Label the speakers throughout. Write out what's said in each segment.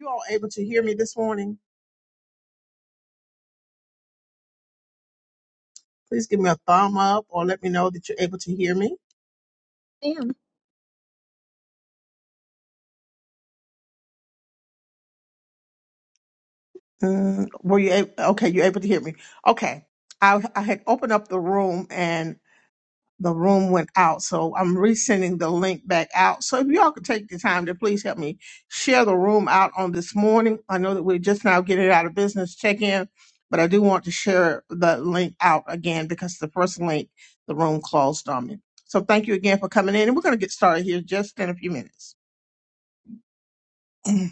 Speaker 1: you all able to hear me this morning? Please give me a thumb up or let me know that you're able to hear me.
Speaker 2: Sam,
Speaker 1: Mm, were you able, okay? You're able to hear me. Okay. I, I had opened up the room and the room went out, so I'm resending the link back out. So if you all could take the time to please help me share the room out on this morning. I know that we're just now getting out of business check in, but I do want to share the link out again because the first link the room closed on me. So thank you again for coming in, and we're going to get started here just in a few minutes. Mm.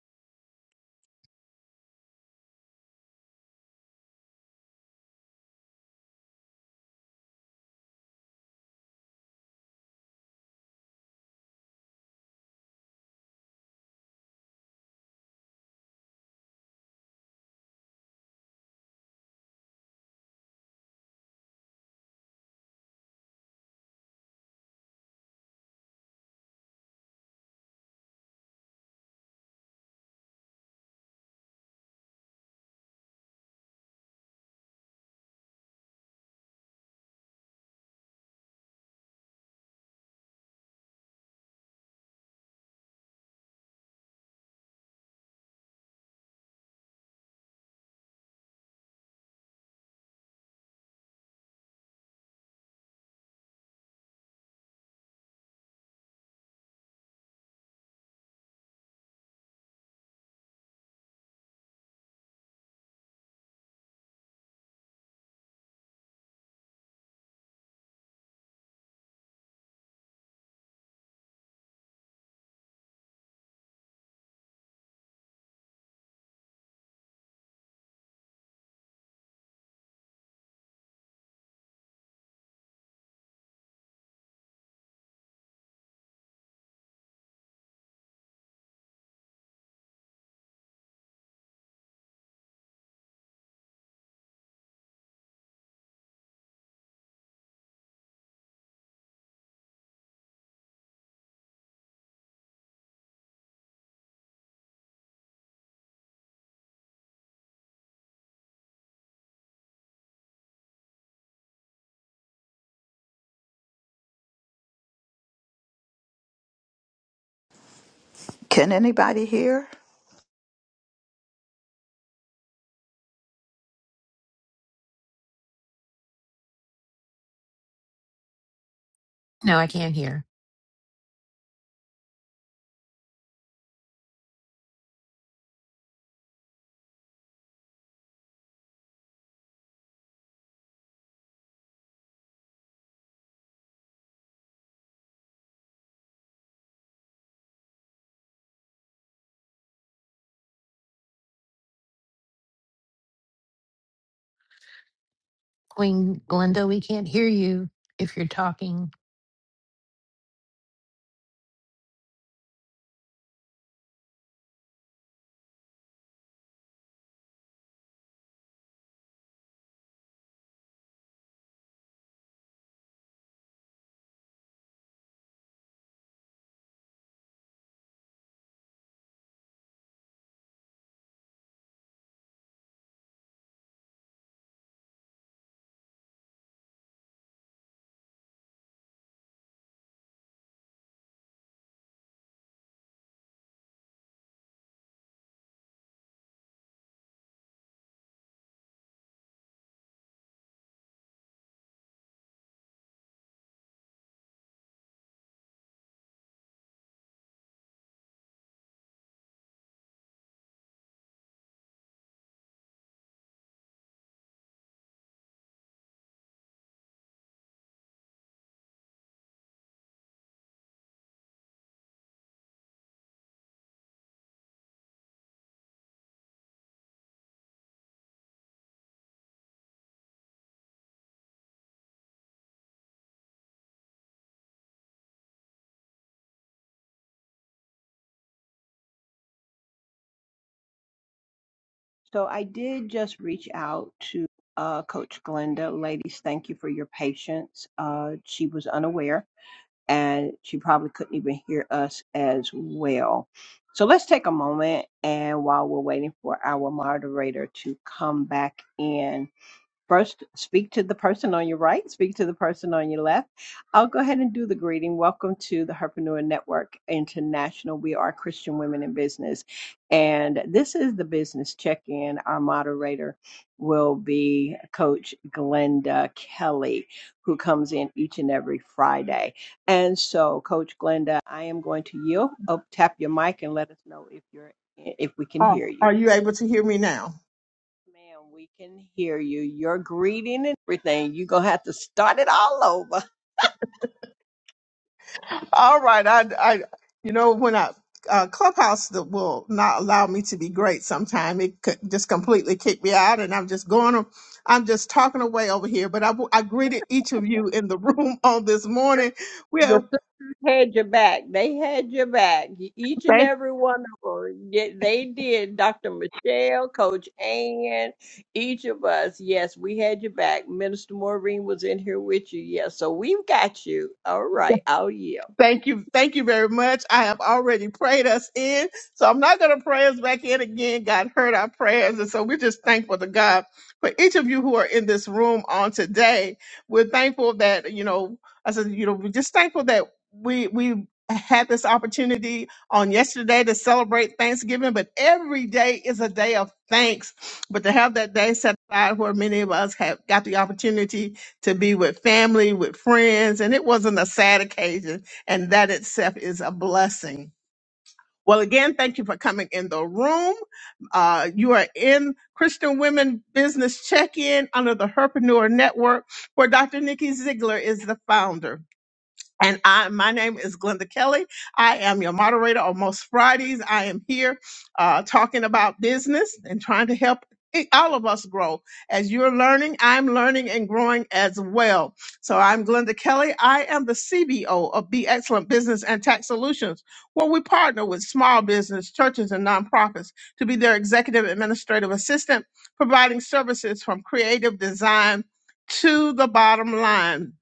Speaker 3: Can anybody hear?
Speaker 4: No, I can't hear. Queen Glenda, we can't hear you if you're talking.
Speaker 5: So I did just reach out to uh, Coach Glenda. Ladies, thank you for your patience. Uh, she was unaware and she probably couldn't even hear us as well. So let's take a moment and while we're waiting for our moderator to come back in, First, speak to the person on your right, speak to the person on your left. I'll go ahead and do the greeting. Welcome to the Herpreneur Network International. We are Christian Women in Business. And this is the business check in. Our moderator will be Coach Glenda Kelly, who comes in each and every Friday. And so, Coach Glenda, I am going to yield. Oh, tap your mic and let us know if you're if we can
Speaker 1: oh,
Speaker 5: hear you.
Speaker 1: are you able to hear me now?
Speaker 5: Ma'am, we can hear you. Your greeting and everything. You're going to have to start it all over.
Speaker 1: All right, I, I, you know, when I uh, Clubhouse that will not allow me to be great. Sometime it could just completely kick me out, and I'm just going. on- I'm just talking away over here. But I, w- I greeted each of you in the room on this morning. Well,
Speaker 5: had your back. They had your back. E- Each and
Speaker 1: thank. you.
Speaker 5: every one of them. They did. Dr. Michelle, Coach Ann, each of us. Yes, we had your back. Minister Maureen was in here with you. Yes, so we've got you. All right. I'll yield.
Speaker 1: Thank you. Thank you very much. I have already prayed us in. So I'm not going to pray us back in again. God heard our prayers. And so we're just thankful to God for each of you who are in this room on today. We're thankful that, you know, I said, you know, we're just thankful that we, we, had this opportunity on yesterday to celebrate Thanksgiving, but every day is a day of thanks. But to have that day set aside where many of us have got the opportunity to be with family, with friends, and it wasn't a sad occasion and that itself is a blessing. Well, again, thank you for coming in the room. Uh, you are in Christian Women Business Check In under the Herpreneur Network, where Dr. Nikki Ziegler is the founder. And I, my name is Glenda Kelly. I am your moderator on most Fridays. I am here uh, talking about business and trying to help i- all of us grow. As you're learning, I'm learning and growing as well. So I'm Glenda Kelly. I am the CBO of Be Excellent Business and Tax Solutions, where we partner with small business, churches, and nonprofits to be their executive administrative assistant, providing services from creative design to the bottom line.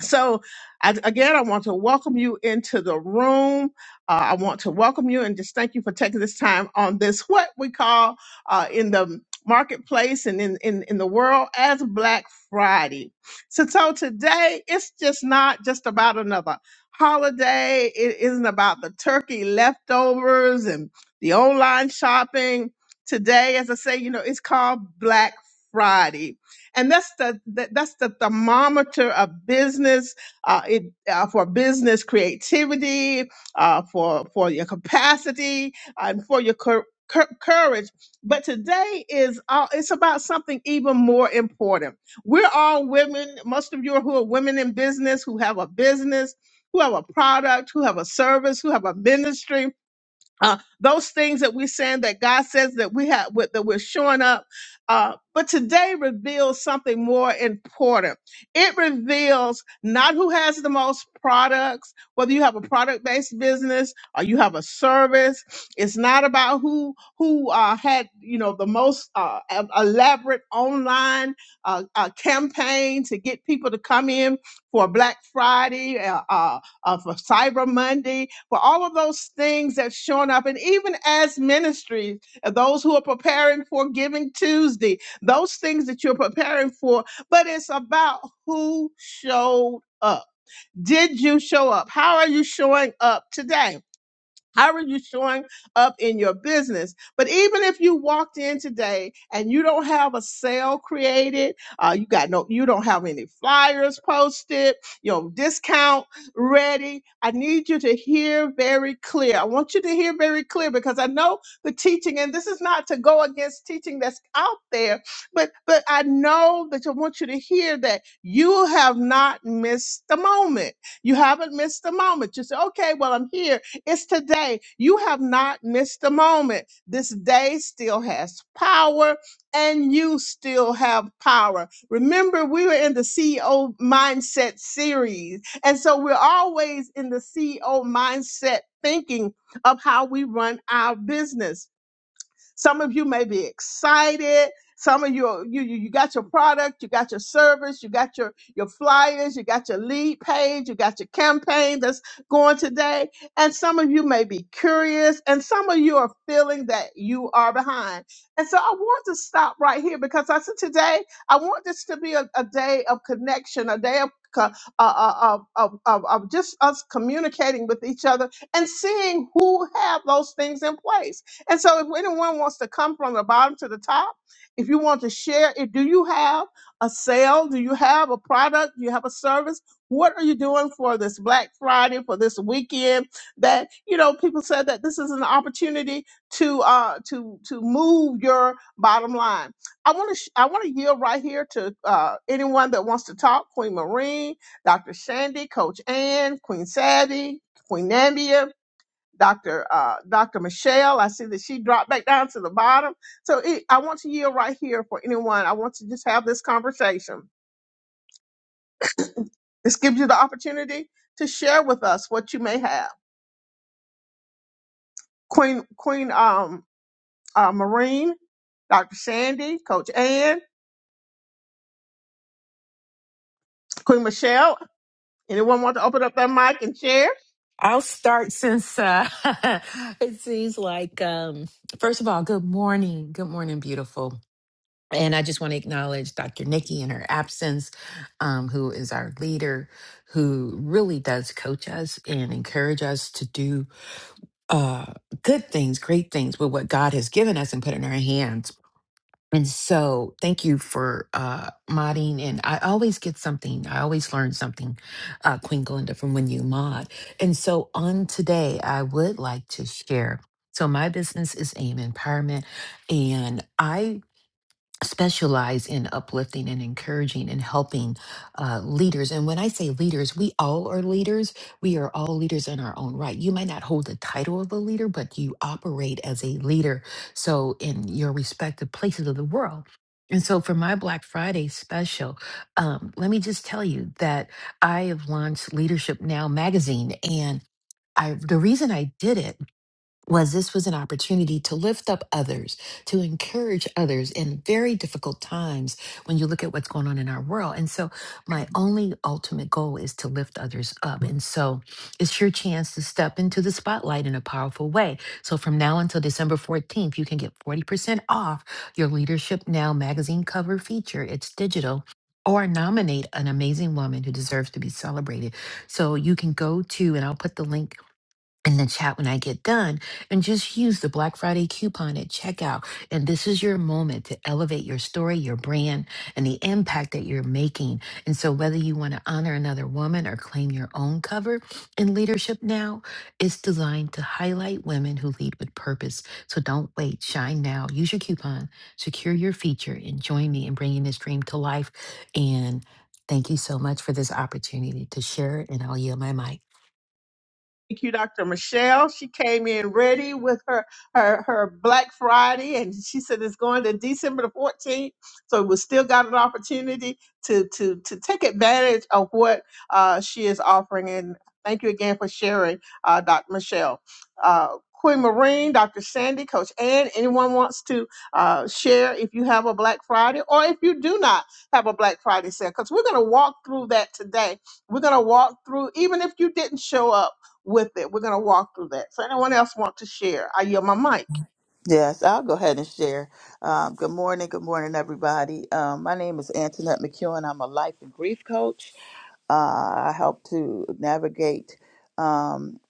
Speaker 1: So, I, again, I want to welcome you into the room. Uh, I want to welcome you and just thank you for taking this time on this, what we call uh, in the marketplace and in, in, in the world as Black Friday. So, so today, it's just not just about another holiday. It isn't about the turkey leftovers and the online shopping. Today, as I say, you know, it's called Black Friday and that's the, the that's the thermometer of business uh, it, uh, for business creativity uh, for for your capacity and for your cour- cour- courage but today is uh, it's about something even more important we're all women most of you who are women in business who have a business who have a product who have a service who have a ministry uh, those things that we're saying that God says that we have with, that we're showing up. Uh, but today reveals something more important. It reveals not who has the most products, whether you have a product-based business or you have a service. It's not about who who uh, had you know the most uh, e- elaborate online uh, uh, campaign to get people to come in for Black Friday. Uh, uh, uh, for Cyber Monday, for all of those things that's shown up. And even as ministries, uh, those who are preparing for Giving Tuesday, those things that you're preparing for, but it's about who showed up. Did you show up? How are you showing up today? How are you showing up in your business? But even if you walked in today and you don't have a sale created, uh, you got no, you don't have any flyers posted, your discount ready. I need you to hear very clear. I want you to hear very clear because I know the teaching, and this is not to go against teaching that's out there, but but I know that I want you to hear that you have not missed the moment. You haven't missed the moment. You say, okay, well, I'm here. It's today. You have not missed a moment. This day still has power and you still have power. Remember, we were in the CEO mindset series. And so we're always in the CEO mindset thinking of how we run our business. Some of you may be excited. Some of you, are- you, you you got your product, you got your service, you got your, your flyers, you got your lead page, you got your campaign that's going today. And some of you may be curious, and some of you are feeling that you are behind. And so I want to stop right here because I said today, I want this to be a, a day of connection, a day of co- uh, uh, of, of, of of just us communicating with each other and seeing who have those things in place. And so, if anyone wants to come from the bottom to the top, if you want to share it, do you have a sale? Do you have a product? Do you have a service? What are you doing for this Black Friday, for this weekend? That you know, people said that this is an opportunity to uh, to to move your bottom line. I want to sh- I want to yield right here to uh, anyone that wants to talk. Queen Marine, Dr. Shandy, Coach Ann, Queen Savvy, Queen Nambia. Dr. Uh, Dr. Michelle. I see that she dropped back down to the bottom. So it, I want to yield right here for anyone. I want to just have this conversation. This gives you the opportunity to share with us what you may have. Queen Queen um, uh, Marine, Dr. Sandy, Coach Ann, Queen Michelle. Anyone want to open up their mic and share?
Speaker 4: I'll start since uh, it seems like, um, first of all, good morning. Good morning, beautiful. And I just want to acknowledge Dr. Nikki in her absence, um, who is our leader, who really does coach us and encourage us to do uh, good things, great things with what God has given us and put in our hands. And so, thank you for uh, modding. And I always get something. I always learn something, uh, Queen Glinda, from when you mod. And so, on today, I would like to share. So, my business is AIM Empowerment, and I specialize in uplifting and encouraging and helping uh, leaders. And when I say leaders, we all are leaders. We are all leaders in our own right. You might not hold the title of a leader, but you operate as a leader. So in your respective places of the world. And so for my Black Friday special, um, let me just tell you that I have launched Leadership Now magazine and I, the reason I did it was this was an opportunity to lift up others, to encourage others in very difficult times when you look at what's going on in our world. And so my only ultimate goal is to lift others up. And so it's your chance to step into the spotlight in a powerful way. So from now until December 14th, you can get 40% off your Leadership Now magazine cover feature. It's digital. Or nominate an amazing woman who deserves to be celebrated. So you can go to, and I'll put the link in the chat when I get done and just use the Black Friday coupon at checkout. And this is your moment to elevate your story, your brand, and the impact that you're making. And so, whether you want to honor another woman or claim your own cover in Leadership Now, it's designed to highlight women who lead with purpose. So, don't wait, shine now. Use your coupon, secure your feature, and join me in bringing this dream to life. And thank you so much for this opportunity to share, and I'll yield my mic.
Speaker 1: Thank you, Dr. Michelle. She came in ready with her, her, her Black Friday, and she said it's going to December the 14th. So we still got an opportunity to, to, to take advantage of what uh, she is offering. And thank you again for sharing, uh, Dr. Michelle. Uh, Queen Marine, Dr. Sandy, Coach Ann, anyone wants to uh, share if you have a Black Friday or if you do not have a Black Friday sale? Because we're going to walk through that today. We're going to walk through, even if you didn't show up with it. We're going to walk through that. So, anyone else want to share? I yield my mic.
Speaker 3: Yes, I'll go ahead and share. Um, good morning, good morning, everybody. Um, my name is Antoinette McEwen. I'm a life and grief coach. Uh, I help to navigate um,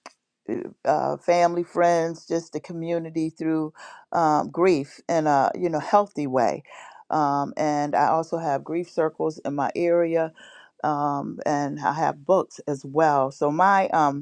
Speaker 3: uh, family, friends, just the community through um, grief in a you know healthy way. Um, and I also have grief circles in my area, um, and I have books as well. So my um,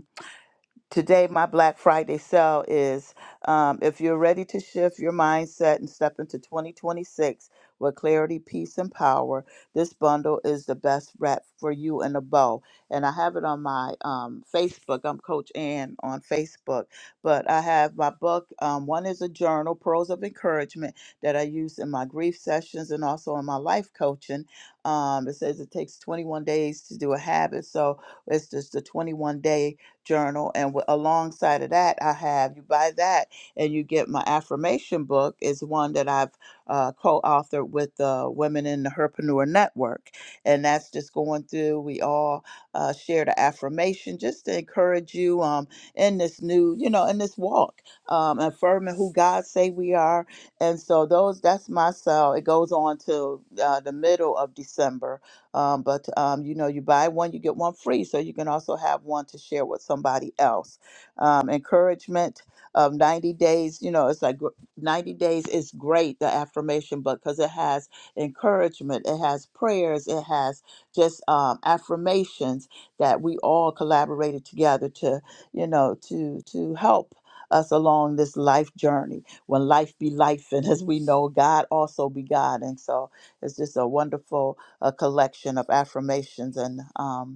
Speaker 3: today my black friday sale is um, if you're ready to shift your mindset and step into 2026 with clarity peace and power this bundle is the best wrap for you and a bow and i have it on my um, facebook i'm coach ann on facebook but i have my book um, one is a journal pearls of encouragement that i use in my grief sessions and also in my life coaching um, it says it takes 21 days to do a habit so it's just the 21 day journal and w- alongside of that i have you buy that and you get my affirmation book is one that i've uh, co-authored with the women in the herpreneur network and that's just going through we all uh, share the affirmation just to encourage you um, in this new you know in this walk um, affirming who god say we are and so those that's my cell it goes on to uh, the middle of december um, but um, you know, you buy one, you get one free, so you can also have one to share with somebody else. Um, encouragement of 90 days, you know, it's like gr- 90 days is great, the affirmation, book because it has encouragement, it has prayers, it has just um, affirmations that we all collaborated together to, you know, to to help us along this life journey when life be life and as we know god also be god and so it's just a wonderful a collection of affirmations and um,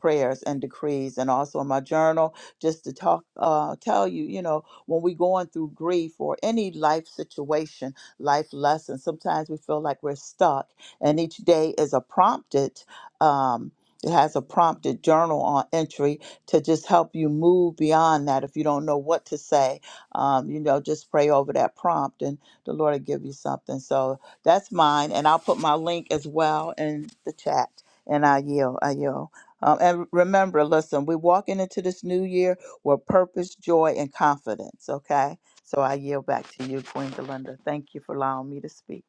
Speaker 3: prayers and decrees and also in my journal just to talk uh, tell you you know when we going through grief or any life situation life lesson sometimes we feel like we're stuck and each day is a prompted um, it has a prompted journal on entry to just help you move beyond that if you don't know what to say um, you know just pray over that prompt and the lord will give you something so that's mine and i'll put my link as well in the chat and i yield i yield um, and remember, listen, we're walking into this new year with purpose, joy, and confidence. Okay. So I yield back to you, Queen Belinda. Thank you for allowing me to speak.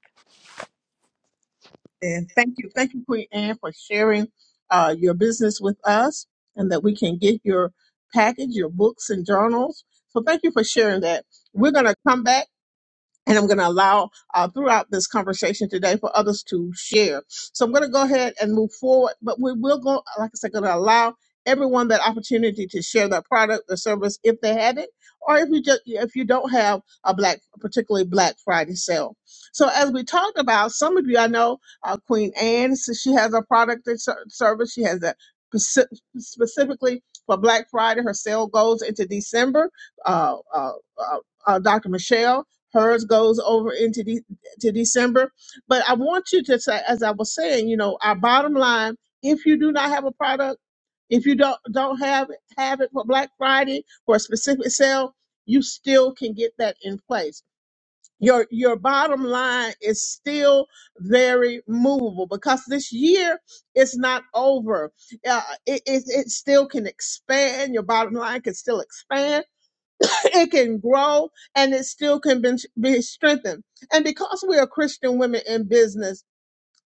Speaker 1: And thank you. Thank you, Queen Anne, for sharing uh, your business with us and that we can get your package, your books and journals. So thank you for sharing that. We're going to come back. and I'm going to allow uh, throughout this conversation today for others to share. So I'm going to go ahead and move forward, but we will go, like I said, going to allow everyone that opportunity to share their product or service if they have it, or if you just if you don't have a black, particularly Black Friday sale. So as we talked about, some of you I know, uh, Queen Anne, so she has a product and ser- service. She has that speci- specifically for Black Friday. Her sale goes into December. Uh, uh, uh, uh, Dr. Michelle hers goes over into de- to December. But I want you to say, as I was saying, you know, our bottom line: if you do not have a product, if you don't don't have it, have it for Black Friday for a specific sale, you still can get that in place. Your your bottom line is still very movable because this year is not over. Uh, it, it it still can expand. Your bottom line can still expand it can grow and it still can be, be strengthened. And because we are Christian women in business,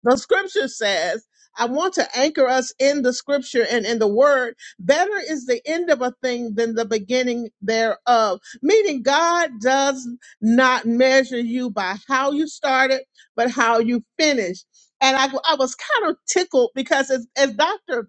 Speaker 1: the scripture says, I want to anchor us in the scripture and in the word. Better is the end of a thing than the beginning thereof. Meaning God does not measure you by how you started, but how you finish. And I, I was kind of tickled because as, as Dr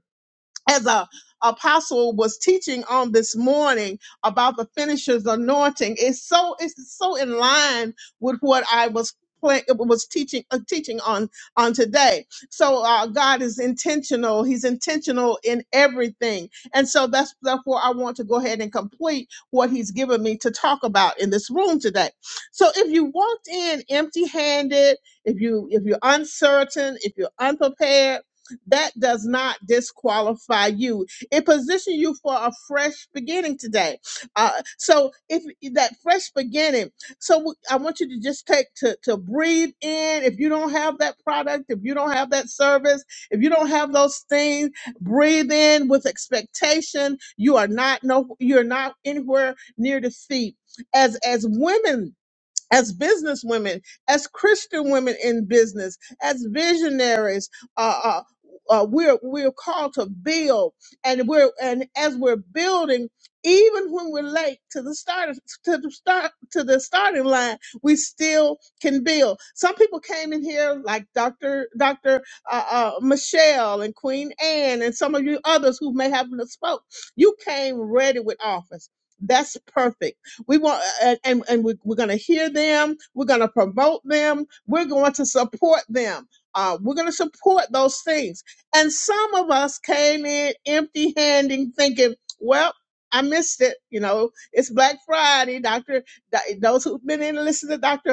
Speaker 1: as a apostle was teaching on this morning about the finisher's anointing it's so it's so in line with what i was pla- was teaching uh, teaching on on today so uh, god is intentional he's intentional in everything and so that's therefore i want to go ahead and complete what he's given me to talk about in this room today so if you walked in empty handed if you if you're uncertain if you're unprepared that does not disqualify you. It positions you for a fresh beginning today. Uh, so if that fresh beginning, so w- I want you to just take to to breathe in. If you don't have that product, if you don't have that service, if you don't have those things, breathe in with expectation. You are not no, you're not anywhere near defeat. As as women as business women, as Christian women in business, as visionaries, uh, uh, uh, we're we're called to build, and we're and as we're building, even when we're late to the start to the start to the starting line, we still can build. Some people came in here like Doctor Doctor uh, uh, Michelle and Queen Anne, and some of you others who may have spoke. You came ready with offers. That's perfect we want, uh, and, and, we, we're going to hear them. We're going to promote them. We're going to support them. Uh, we're going to support those things. And some of us came in empty handed thinking, well, I missed it. You know, it's Black Friday. Doctor, those who've been in and listened to Dr.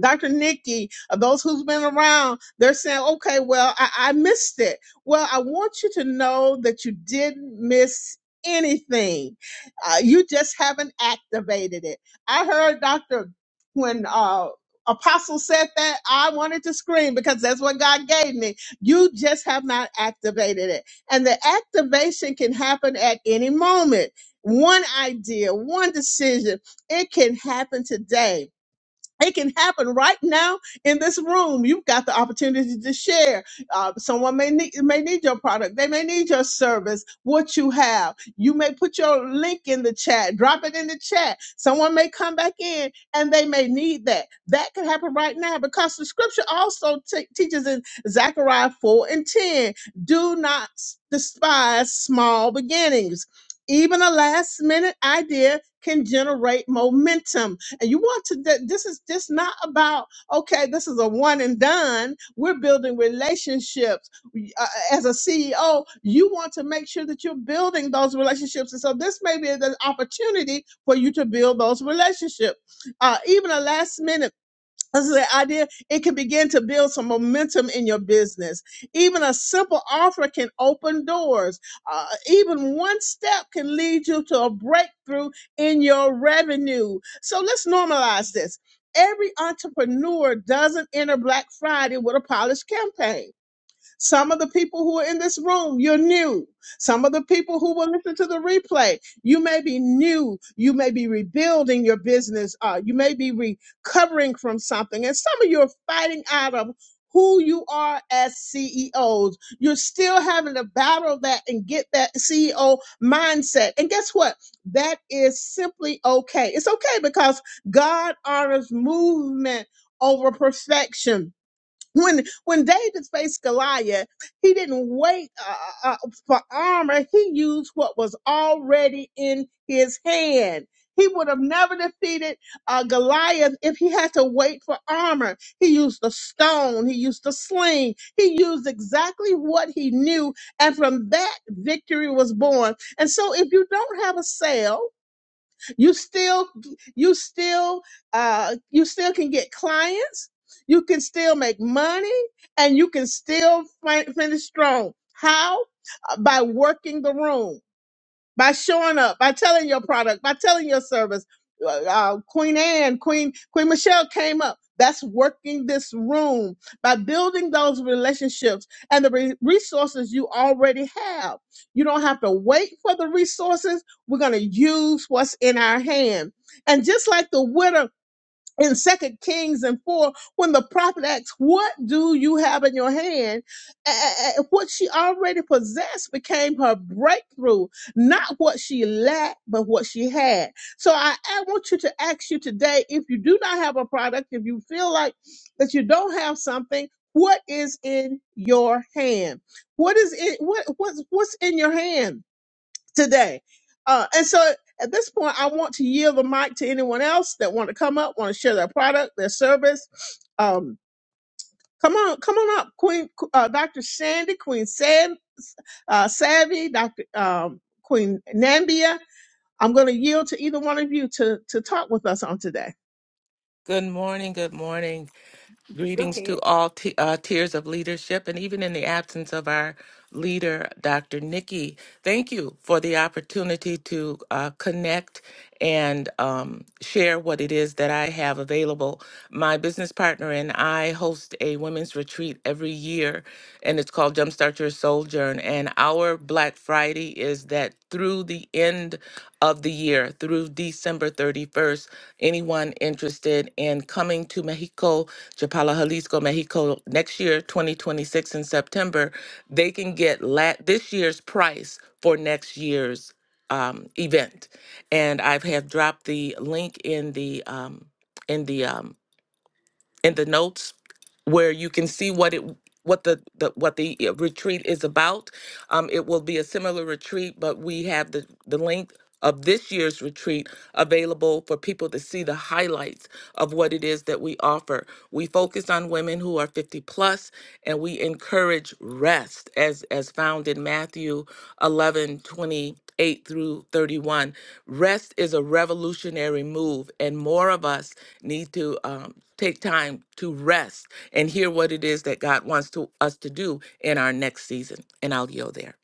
Speaker 1: Dr. Nikki, uh, those who's been around, they're saying, okay, well, I, I missed it. Well, I want you to know that you didn't miss anything. Uh, you just haven't activated it. I heard Dr. when uh, Apostle said that, I wanted to scream because that's what God gave me. You just have not activated it. And the activation can happen at any moment. One idea, one decision, it can happen today it can happen right now in this room. You've got the opportunity to share. Uh, someone may need may need your product. They may need your service. What you have, you may put your link in the chat. Drop it in the chat. Someone may come back in and they may need that. That could happen right now because the scripture also te- teaches in Zechariah four and ten. Do not s- despise small beginnings. Even a last minute idea can generate momentum and you want to th- this is just not about okay this is a one and done we're building relationships We- uh, as a ceo you want to make sure that you're building those relationships and so this may be the opportunity for you to build those relationships uh, even a last minute this is the idea. It can begin to build some momentum in your business. Even a simple offer can open doors. Uh, even one step can lead you to a breakthrough in your revenue. So let's normalize this. Every entrepreneur doesn't enter Black Friday with a polished campaign some of the people who are in this room, you're new. Some of the people who will listen to the replay, you may be new. You may be rebuilding your business. Uh, you may be recovering from something. And some of you are fighting out of who you are as CEOs. You're still having to battle that and get that CEO mindset. And guess what? That is simply okay. It's okay because God honors movement over perfection when when David faced Goliath, he didn't wait uh, uh, uh, for armor. He used what was already in his hand. He would have never defeated uh, Goliath if he had to wait for armor. He used the stone. He used the sling. He used exactly what he knew, and from that victory was born. And so, if you don't have a sale you still you still uh you still can get clients you can still make money and you can still fin- finish strong how Uh, by working the room by showing up, by telling your product, by telling your service. Uh, uh, Queen Anne, Queen Queen Michelle came up. That's working this room by building those relationships and the re- resources you already have. You don't have to wait for the resources. We're going to use what's in our hand. And just like the widow in second kings and four when the prophet asks what do you have in your hand A- a- a- what she already possessed became her breakthrough not what she lacked but what she had so I, I want you to ask you today if you do not have a product if you feel like that you don't have something what is in your hand what is it what, what's what's in your hand today. Uh, and so at this point, I want to yield the mic to anyone else that want to come up, want to share their product, their service. Um, come on, come on up, Queen, uh, Dr. Sandy, Queen Sad, uh, Savvy, Dr. Um, Queen Nambia. I'm going to yield to either one of you to to talk with us on today.
Speaker 6: Good morning. Good morning.
Speaker 5: Go
Speaker 6: Greetings
Speaker 5: ahead.
Speaker 6: to all t- uh, tiers of leadership, and even in the absence of our leader, Dr. Nikki, thank you for the opportunity to uh, connect and um, share what it is that I have available. My business partner and I host a women's retreat every year, and it's called Jumpstart Your Soul Journey. And our Black Friday is that is that through the end of the year, through December 31st, anyone interested in coming to Mexico, Chapala, Jalisco, Mexico next year, 2026 in September, they can get la- this year's price for next year's um, event. And I've have dropped the link in the um, in the um, in the notes where you can see what it what the, the what the uh, retreat is about. Um, it will be a similar retreat, but we have the the link of this year's retreat available for people to see the highlights of what it is that we offer. We focus on women who are 50 plus and we encourage rest as as found in Matthew 11 28 through 31. Rest is a revolutionary move and more of us need to um, take time to rest and hear what it is that God wants to us to do in our next season. And I'll yield there.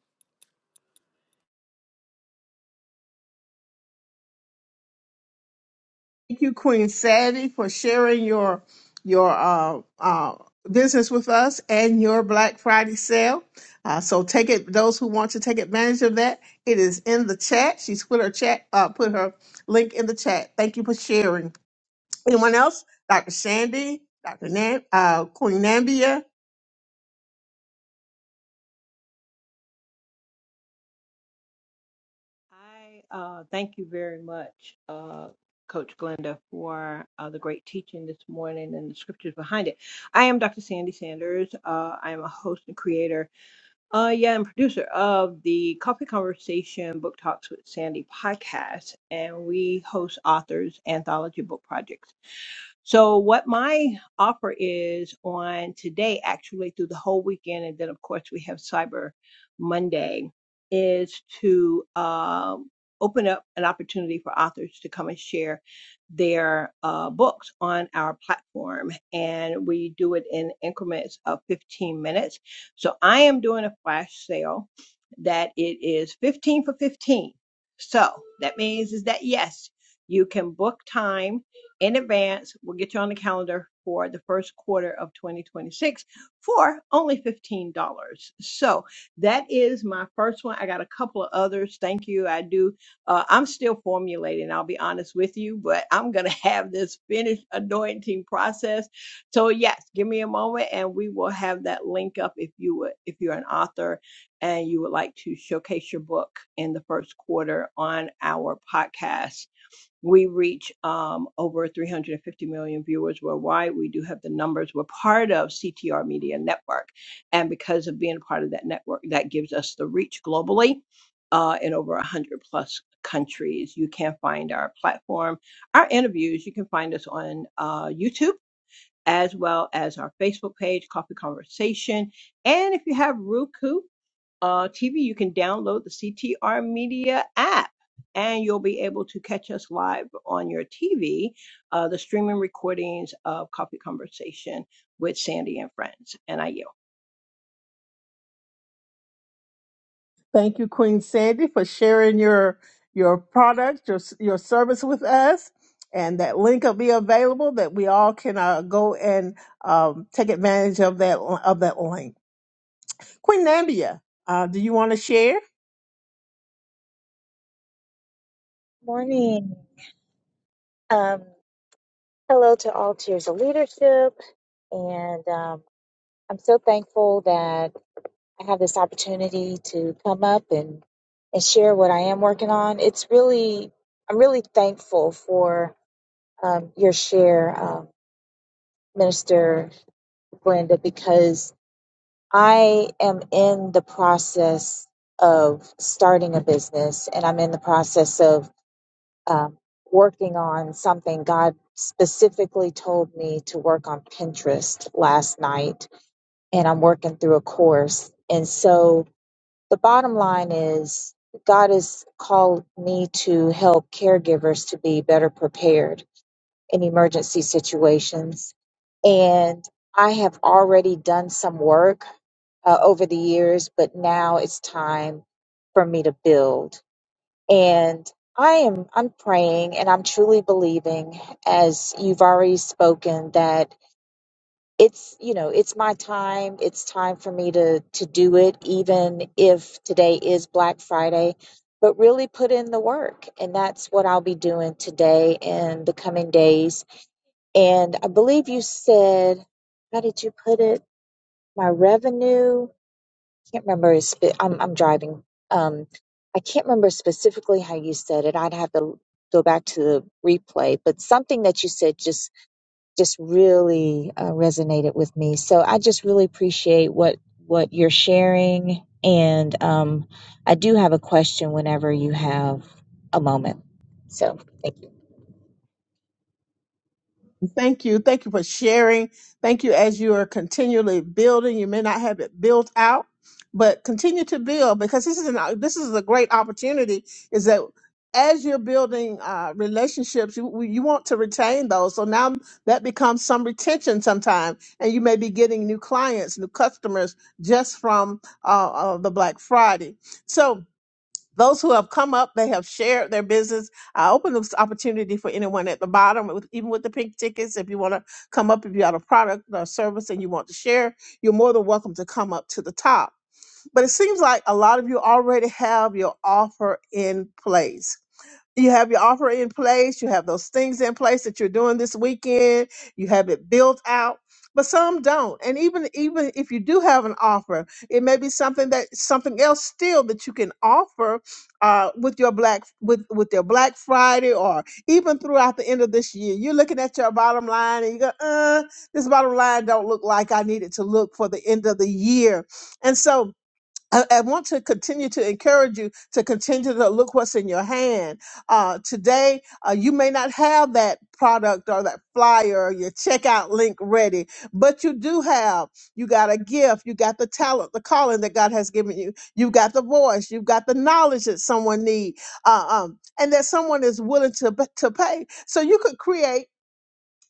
Speaker 1: Thank you, Queen Sadie, for sharing your your uh, uh, business with us and your Black Friday sale. Uh, so take it. Those who want to take advantage of that, it is in the chat. She's put her chat uh, put her link in the chat. Thank you for sharing. Anyone else? Dr. Sandy, Dr. Nam, uh, Queen Nambia.
Speaker 5: I uh, thank you very much, uh, Coach Glenda, for uh, the great teaching this morning and the scriptures behind it. I am Dr. Sandy Sanders. Uh, I am a host and creator Uh, yeah, I'm producer of the Coffee Conversation Book Talks with Sandy podcast, and we host authors anthology book projects so what my offer is on today, actually through the whole weekend, and then of course we have Cyber Monday, is to um, open up an opportunity for authors to come and share their uh, books on our platform, and we do it in increments of 15 minutes. So I am doing a flash sale that it is 15 for 15. So that means is that yes, you can book time in advance. We'll get you on the calendar for the first quarter of 2026 for only $15. So that is my first one. I got a couple of others. Thank you. I do. Uh, I'm still formulating, I'll be honest with you, but I'm going to have this finished anointing process. So yes, give me a moment and we will have that link up if you would, if you're an author and you would like to showcase your book in the first quarter on our podcast we reach um, over 350 million viewers worldwide. We do have the numbers. We're part of CTR Media Network. And because of being part of that network, that gives us the reach globally uh, in over 100 plus countries. You can find our platform, our interviews. You can find us on uh, YouTube. As well as our Facebook page, Coffee Conversation. And if you have Roku, uh, TV, you can download the CTR Media app and you'll be able to catch us live on your TV, uh, the streaming recordings of Coffee Conversation with Sandy and Friends. And I yield.
Speaker 1: Thank you, Queen Sandy, for sharing your your product, your your service with us, and that link will be available that we all can uh, go and um, take advantage of that of that link. Queen Nambia, uh, do you want to share?
Speaker 2: morning. Um, hello to all tiers of leadership, and um, I'm so thankful that I have this opportunity to come up and and share what I am working on. It's really, I'm really thankful for um, your share, um, Minister Brenda, because I am in the process of starting a business, and I'm in the process of um, working on something. God specifically told me to work on Pinterest last night, and I'm working through a course. And so the bottom line is, God has called me to help caregivers to be better prepared in emergency situations. And I have already done some work uh, over the years, but now it's time for me to build. And I am I'm praying and I'm truly believing as you've already spoken that it's you know it's my time it's time for me to to do it even if today is Black Friday but really put in the work and that's what I'll be doing today and the coming days and I believe you said how did you put it my revenue can't remember. his Spe- I'm I'm driving. Um, I can't remember specifically how you said it. I'd have to go back to the replay, but something that you said just just really uh, resonated with me. So I just really appreciate what what you're sharing, and um, I do have a question whenever you have a moment. So thank you.
Speaker 1: Thank you. Thank you for sharing. Thank you as you are continually building. You may not have it built out, but continue to build because this is an this is a great opportunity. Is that as you're building uh, relationships, you you want to retain those. So now that becomes some retention sometime, and you may be getting new clients, new customers just from uh, uh, the Black Friday. So those who have come up, they have shared their business. I open this opportunity for anyone at the bottom, with, even with the pink tickets. If you want to come up, if you have a product or service and you want to share, you're more than welcome to come up to the top. But it seems like a lot of you already have your offer in place you have your offer in place, you have those things in place that you're doing this weekend, you have it built out, but some don't. And even even if you do have an offer, it may be something that something else still that you can offer uh, with your black with with your Black Friday or even throughout the end of this year. You're looking at your bottom line and you go, uh, this bottom line don't look like I need it to look for the end of the year. And so I, I want to continue to encourage you to continue to look what's in your hand. Uh, today, uh, you may not have that product or that flyer or your checkout link ready, but you do have, you got a gift, you got the talent, the calling that God has given you. You have got the voice, you have got the knowledge that someone needs, uh, um, and that someone is willing to, to pay. So you could create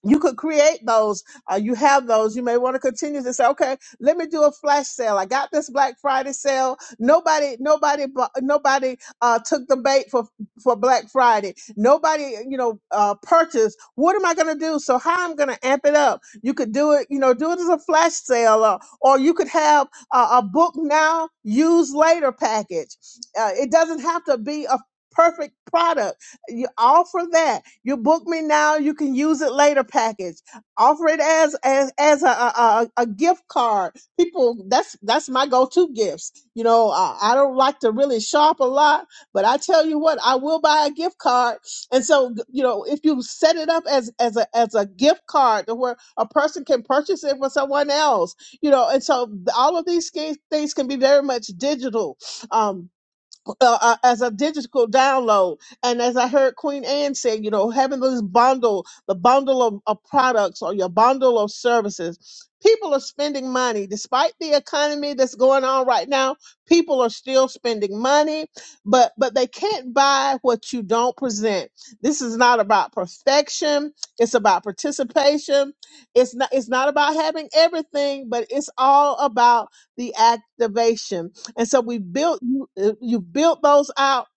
Speaker 1: you could create those uh, you have those you may want to continue to say okay let me do a flash sale i got this black friday sale nobody nobody bu- nobody uh, took the bait for for black friday nobody you know uh, purchased what am i going to do so how i'm going to amp it up you could do it you know do it as a flash sale or, or you could have uh, a book now use later package uh, it doesn't have to be a perfect product you offer that. You book me now. You can use it later. Package. Offer it as as as a a, a a gift card. People, that's that's my go to gifts. You know, I, I don't like to really shop a lot, but I tell you what, I will buy a gift card. And so, you know, if you set it up as as a as a gift card to where a person can purchase it for someone else, you know, and so all of these things things can be very much digital. Um, uh, uh, as a digital download. And as I heard Queen Anne say, you know, having this bundle, the bundle of, of products or your bundle of services, people are spending money. Despite the economy that's going on right now, people are still spending money, but but they can't buy what you don't present. This is not about perfection. It's about participation. It's not it's not about having everything, but it's all about the activation and so we built you uh, you built those out.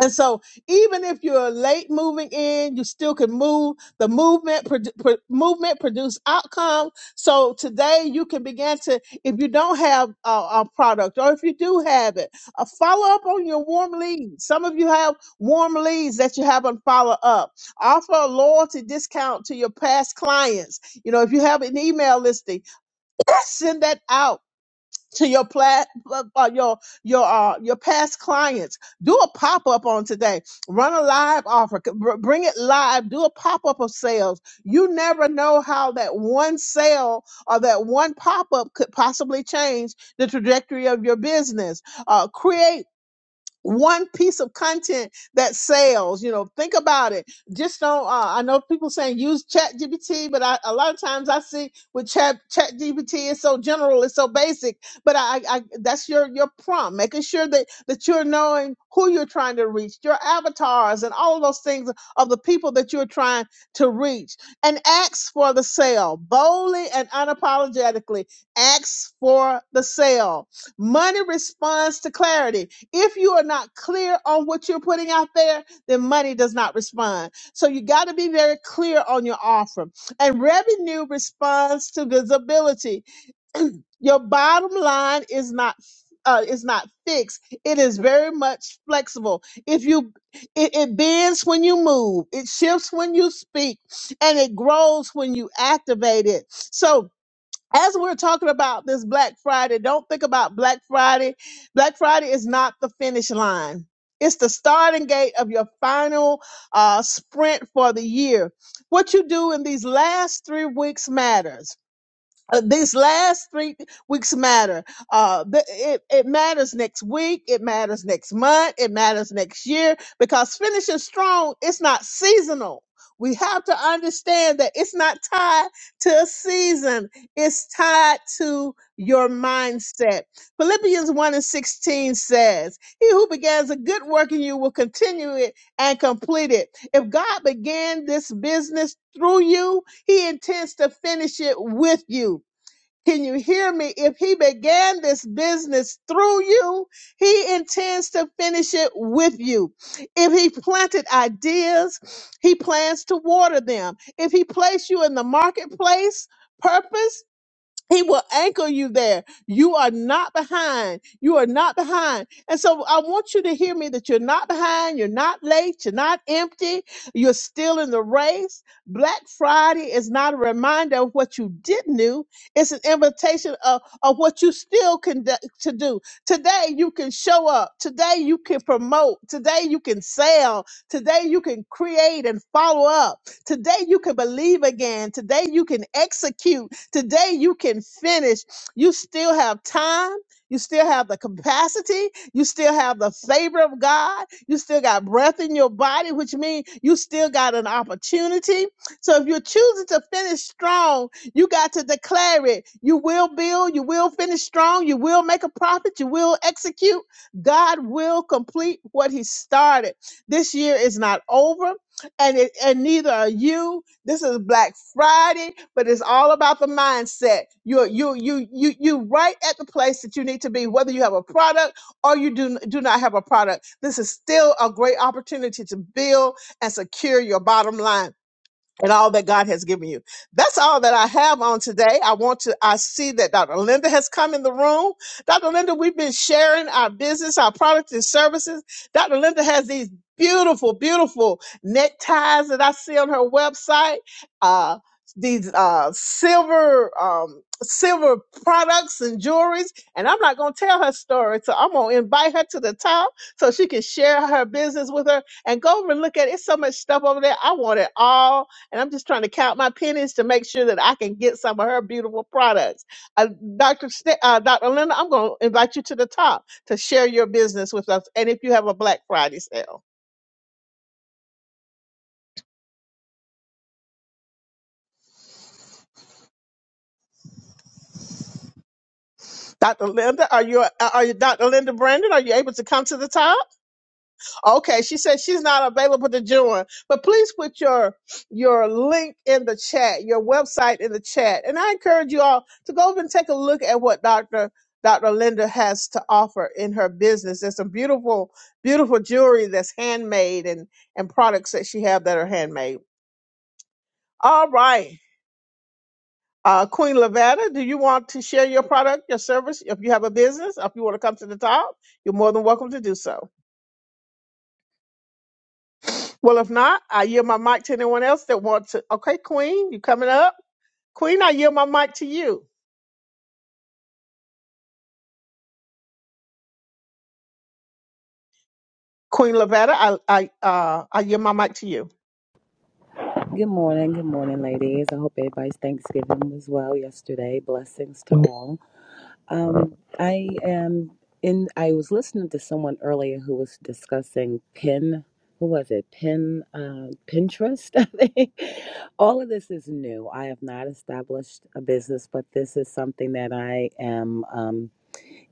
Speaker 1: And so even if you're late moving in, you still can move. The movement produ- pro- movement produce outcome. So today you can begin to if you don't have a, a product or if you do have it, uh, follow up on your warm leads. Some of you have warm leads that you haven't followed up. Offer a loyalty discount to your past clients. You know, if you have an email listing, send that out to your plat uh, uh, your your uh your past clients do a pop-up on today run a live offer C- br- bring it live do a pop-up of sales you never know how that one sale or that one pop-up could possibly change the trajectory of your business uh create one piece of content that sells you know think about it just don't uh, i know people saying use chat gpt but I, a lot of times i see with chat chat gpt it's so general it's so basic but I, I I- that's your your prompt making sure that that you're knowing who you're trying to reach your avatars and all of those things of the people that you're trying to reach and ask for the sale boldly and unapologetically ask for the sale money responds to clarity if you are not clear on what you're putting out there, then money does not respond. So you got to be very clear on your offer. And revenue responds to visibility. Your bottom line is not uh, is not fixed. It is very much flexible. If you it, it bends when you move, it shifts when you speak, and it grows when you activate it. So as we're talking about this Black Friday, don't think about Black Friday. Black Friday is not the finish line. It's the starting gate of your final uh, sprint for the year. What you do in these last three weeks matters uh, these last three weeks matter. Uh, th- it, it matters next week. It matters next month. It matters next year because finishing strong, it's not seasonal. We have to understand that it's not tied to a season. It's tied to your mindset. Philippians 1 and 16 says, He who begins a good work in you will continue it and complete it. If God began this business through you, he intends to finish it with you. Can you hear me? If he began this business through you, he intends to finish it with you. If he planted ideas, he plans to water them. If he placed you in the marketplace, purpose, he will anchor you there. You are not behind. You are not behind. And so I want you to hear me that you're not behind. You're not late. You're not empty. You're still in the race. Black Friday is not a reminder of what you didn't do. It's an invitation of, of what you still can do, to do. Today you can show up. Today you can promote. Today you can sell. Today you can create and follow up. Today you can believe again. Today you can execute. Today you can finish. You still have time. You still have the capacity. You still have the favor of God. You still got breath in your body, which means you still got an opportunity. So if you're choosing to finish strong, you got to declare it. You will build, you will finish strong, you will make a profit, you will execute. God will complete what He started. This year is not over, and it, and neither are you. This is Black Friday, but it's all about the mindset. You're you you you you right at the place that you need to be, whether you have a product or you do do not have a product. This is still a great opportunity to build and secure your bottom line and all that God has given you. That's all that I have on today. I want to, I see that Dr. Linda has come in the room. Dr. Linda, we've been sharing our business, our products and services. Dr. Linda has these beautiful, beautiful neckties that I see on her website. Uh, these uh silver um silver products and jewelries and i'm not gonna tell her story so i'm gonna invite her to the top so she can share her business with her and go over and look at it. It's so much stuff over there. I want it all and I'm just trying to count my pennies to make sure that I can get some of her beautiful products. Uh, Dr. St- uh, Dr. Linda, I'm going to invite you to the top to share your business with us, and if you have a Black Friday sale, Dr. Linda, are you uh, are you Dr. Linda Brandon? Are you able to come to the top? Okay, she said she's not available to join, but please put your your link in the chat, your website in the chat, and I encourage you all to go over and take a look at what Doctor Doctor Linda has to offer in her business. There's some beautiful, beautiful jewelry that's handmade and and products that she have that are handmade. All right, uh, Queen Lavada, do you want to share your product, your service? If you have a business, if you want to come to the top, you're more than welcome to do so. Well, if not, I yield my mic to anyone else that wants to. Okay, Queen, you coming up? Queen, I yield my mic to you. Queen Lavetta, I I uh I yield my mic to you.
Speaker 7: Good morning, good morning, ladies. I hope everybody's Thanksgiving was well yesterday. Blessings to all. Um, I am in. I was listening to someone earlier who was discussing pin. Who was it? Pin uh, Pinterest. I think all of this is new. I have not established a business, but this is something that I am. Um,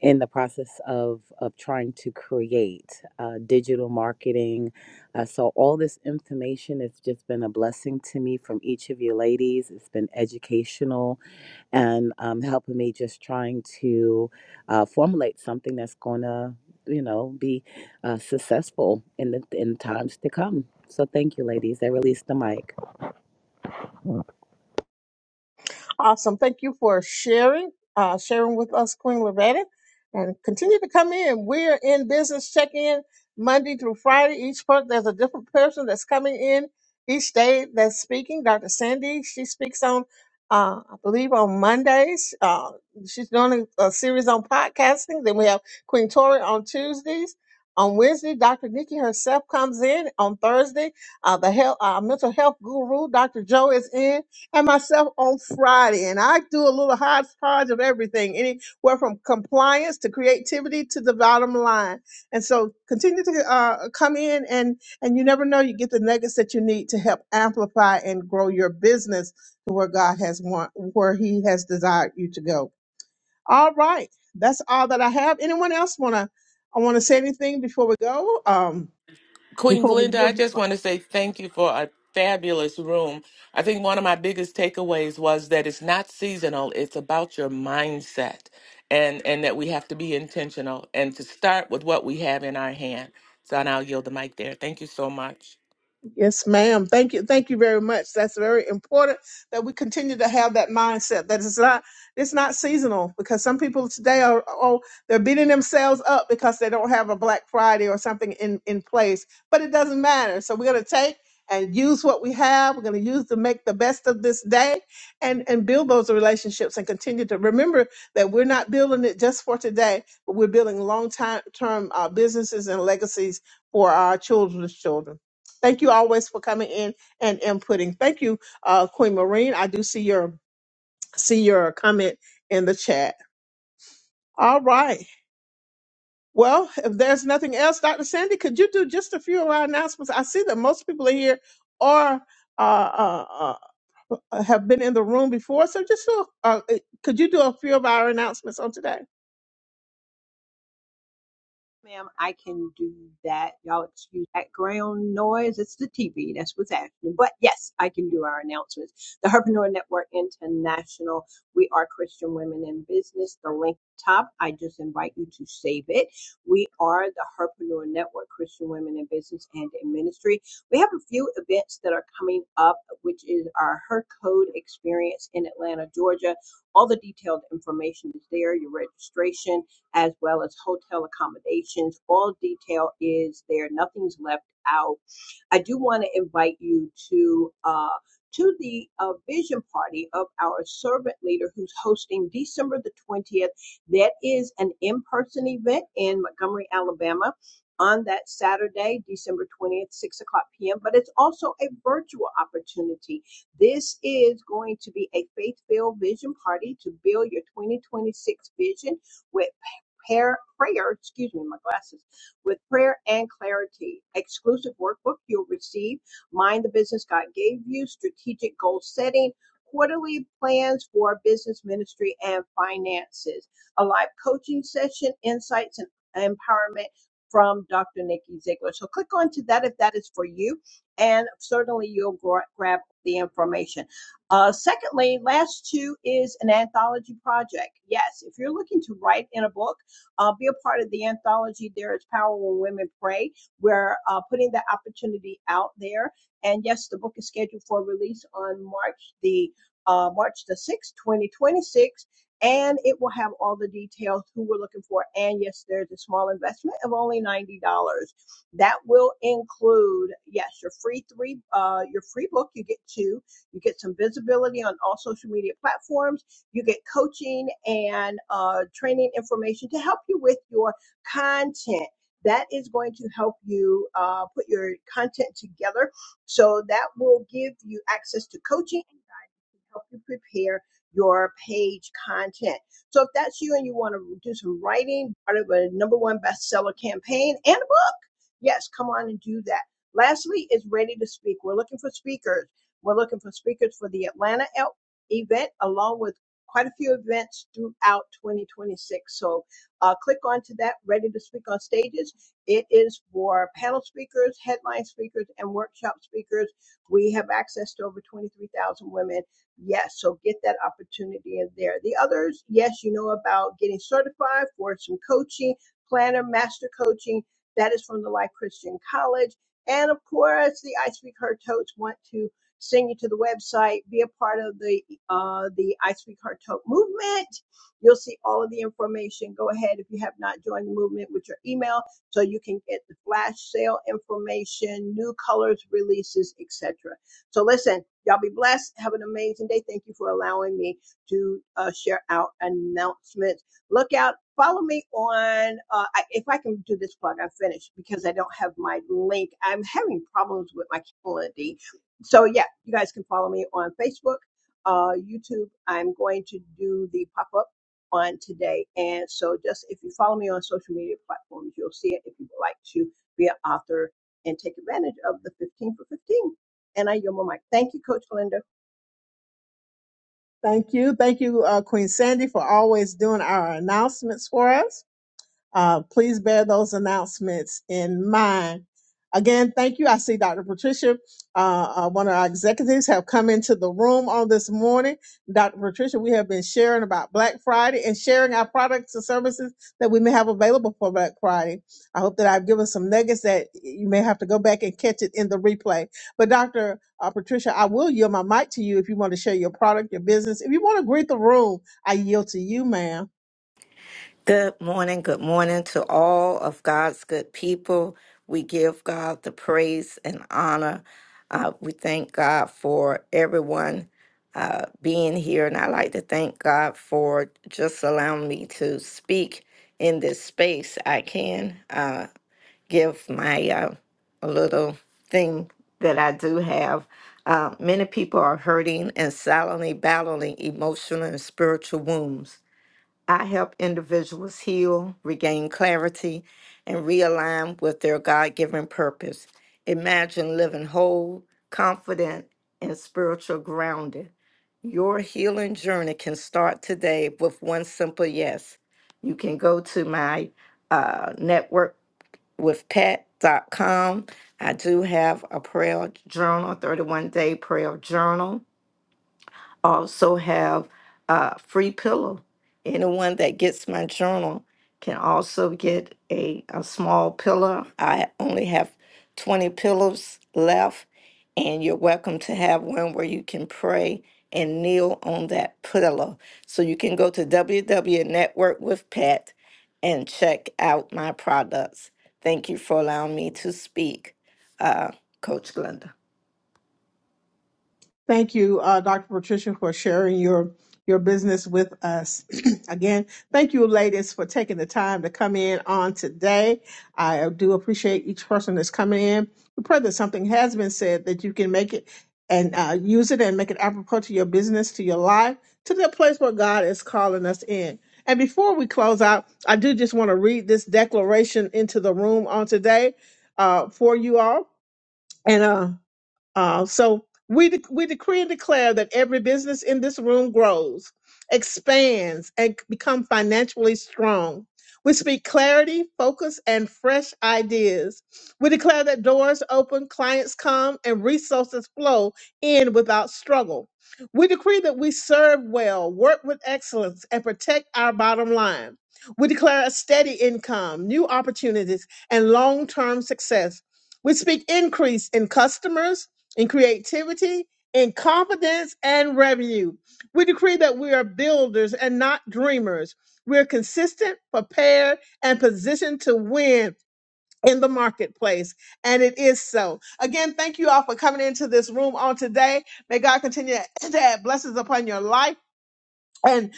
Speaker 7: in the process of of trying to create uh, digital marketing. Uh, so all this information has just been a blessing to me from each of you ladies. It's been educational and um, helping me just trying to uh, formulate something that's gonna you know be uh, successful in the in times to come. So thank you, ladies. I released the mic.
Speaker 1: Awesome. Thank you for sharing, uh, sharing with us, Queen Loretta. And continue to come in. We're in business check in Monday through Friday. Each part, there's a different person that's coming in each day that's speaking. Dr. Sandy, she speaks on, uh, I believe, on Mondays. Uh, she's doing a, a series on podcasting. Then we have Queen Tori on Tuesdays. On Wednesday, Dr. Nikki herself comes in. On Thursday, uh, the health, uh, mental health guru, Dr. Joe, is in had myself on Friday, and I do a little hodgepodge of everything, anywhere from compliance to creativity to the bottom line. And so, continue to uh, come in, and and you never know, you get the nuggets that you need to help amplify and grow your business to where God has want, where He has desired you to go. All right, that's all that I have. Anyone else wanna? I want to say anything before we go. Um,
Speaker 6: Queen
Speaker 1: before we
Speaker 6: Glenda,
Speaker 1: give.
Speaker 6: I just want to say thank you for a fabulous room. I think one of my biggest takeaways was that it's not seasonal, it's about your mindset and and that we have to be intentional and to start with what we have in our hand. So now I'll yield the mic there. Thank you so much.
Speaker 1: Yes, ma'am. Thank you. Thank you very much. That's very important that we continue to have that mindset that it's not it's not seasonal because some people today are oh they're beating themselves up because they don't have a Black Friday or something in in place. But it doesn't matter. So we're gonna take and use what we have. We're gonna use to make the best of this day and and build those relationships and continue to remember that we're not building it just for today, but we're building long time term uh, businesses and legacies for our children's children. Thank you always for coming in and inputting. Thank you, uh, Queen Marine. I do see your see your comment in the chat. All right. Well, if there's nothing else, Dr. Sandy, could you do just a few of our announcements? I see that most people are here or uh, uh, uh, have been in the room before. So just do, uh, uh, could you do a few of our announcements on today?
Speaker 5: Ma'am, I can do that. Y'all excuse background noise. It's the TV. That's what's happening. But yes, I can do our announcements. The Herpreneur Network International. We are Christian women in business. The link top. I just invite you to save it. We are the Herpreneur Network, Christian women in business and in ministry. We have a few events that are coming up, which is our Her Code experience in Atlanta, Georgia. All the detailed information is there. Your registration as well as hotel accommodations. All detail is there, nothing's left out. I do want to invite you to uh, to the uh, vision party of our servant leader who's hosting December the 20th. That is an in-person event in Montgomery, Alabama. On that Saturday, December 20th, 6 o'clock p.m., but it's also a virtual opportunity. This is going to be a faith filled vision party to build your 2026 vision with prayer, prayer, excuse me, my glasses, with prayer and clarity. Exclusive workbook you'll receive. Mind the business God gave you. Strategic goal setting. Quarterly plans for business ministry and finances. A live coaching session, insights and empowerment from Dr. Nikki Ziegler. So click onto that if that is for you, and certainly you'll gra- grab the information. Uh, secondly, last two is an anthology project. Yes, if you're looking to write in a book, uh, be a part of the anthology There is Power When Women Pray. We're uh, putting that opportunity out there. And yes, the book is scheduled for release on March the uh, March the 6th, 2026. And it will have all the details who we're looking for. And yes, there's a small investment of only $90. That will include, yes, your free three, uh, your free book. You get two. You get some visibility on all social media platforms you get coaching and uh, training information to help you with your content. That is going to help you uh, put your content together. So that will give you access to coaching and help you prepare your page content. So if that's you and you want to do some writing, part of a number one bestseller campaign and a book Yes, come on and do that. Lastly, is ready to speak. We're looking for speakers. We're looking for speakers for the Atlanta el- event, along with quite a few events throughout 2026. So uh, click onto that, ready to speak on stages. It is for panel speakers, headline speakers, and workshop speakers. We have access to over 23,000 women. Yes, so get that opportunity in there. The others, yes, you know about getting certified for some coaching, planner, master coaching. That is from the Life Christian College. And of course, the I Speak Her Totes want to send you to the website, be a part of the uh, the I Speak Her Tote movement. You'll see all of the information. Go ahead if you have not joined the movement with your email, so you can get the flash sale information, new colors releases, etc. So listen, y'all be blessed. Have an amazing day. Thank you for allowing me to uh, share out announcements. Look out. Follow me on, uh, I, if I can do this plug, I'm finished because I don't have my link. I'm having problems with my calendar. So yeah, you guys can follow me on Facebook, uh, YouTube. I'm going to do the pop up on today. And so just if you follow me on social media platforms, you'll see it if you would like to be an author and take advantage of the 15 for 15. And I yield my mic. Thank you, Coach Glenda.
Speaker 1: Thank you. Thank you, uh, Queen Sandy, for always doing our announcements for us. Uh, please bear those announcements in mind. Again, thank you. I see Dr. Patricia, uh, uh, one of our executives, have come into the room on this morning. Dr. Patricia, we have been sharing about Black Friday and sharing our products and services that we may have available for Black Friday. I hope that I've given some nuggets that you may have to go back and catch it in the replay. But Dr. Uh, Patricia, I will yield my mic to you if you want to share your product, your business. If you want to greet the room, I yield to you, ma'am.
Speaker 8: Good morning. Good morning to all of God's good people. We give God the praise and honor. Uh, we thank God for everyone uh, being here. And I like to thank God for just allowing me to speak in this space. I can uh, give my uh, a little thing that I do have. Uh, many people are hurting and silently battling emotional and spiritual wounds. I help individuals heal, regain clarity, and realign with their God given purpose. Imagine living whole, confident, and spiritual grounded. Your healing journey can start today with one simple yes. You can go to my uh, network with pat.com. I do have a prayer journal, 31 day prayer journal also have a free pillow. Anyone that gets my journal can also get a, a small pillow. I only have 20 pillows left, and you're welcome to have one where you can pray and kneel on that pillow. So you can go to WW Network with Pat and check out my products. Thank you for allowing me to speak, uh, Coach Glenda.
Speaker 1: Thank you, uh, Dr. Patricia, for sharing your your business with us. Again, thank you, ladies, for taking the time to come in on today. I uh, do appreciate each person that's coming in. We pray that something has been said that you can make it and uh, use it and make it apropos to your business, to your life, to the place where God is calling us in. And before we close out, I do just want to read this declaration into the room on today uh, for you all. And uh, uh, so we de- we decree and declare that every business in this room grows, expands, and c- become financially strong. We speak clarity, focus, and fresh ideas. We declare that doors open, clients come, and resources flow in without struggle. We decree that we serve well, work with excellence, and protect our bottom line. We declare a steady income, new opportunities, and long term success. We speak increase in customers, in creativity, in confidence, and revenue. We decree that we are builders and not dreamers. We're consistent, prepared, and positioned to win in the marketplace. And it is so. Again, thank you all for coming into this room on today. May God continue to add blessings upon your life. and.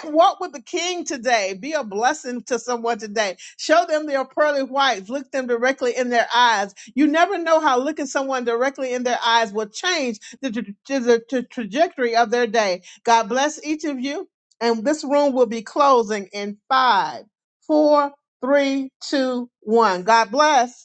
Speaker 1: Walk with the king today. Be a blessing to someone today. Show them their pearly whites. Look them directly in their eyes. You never know how looking someone directly in their eyes will change the, tra- the tra- trajectory of their day. God bless each of you. And this room will be closing in five, four, three, two, one. God bless.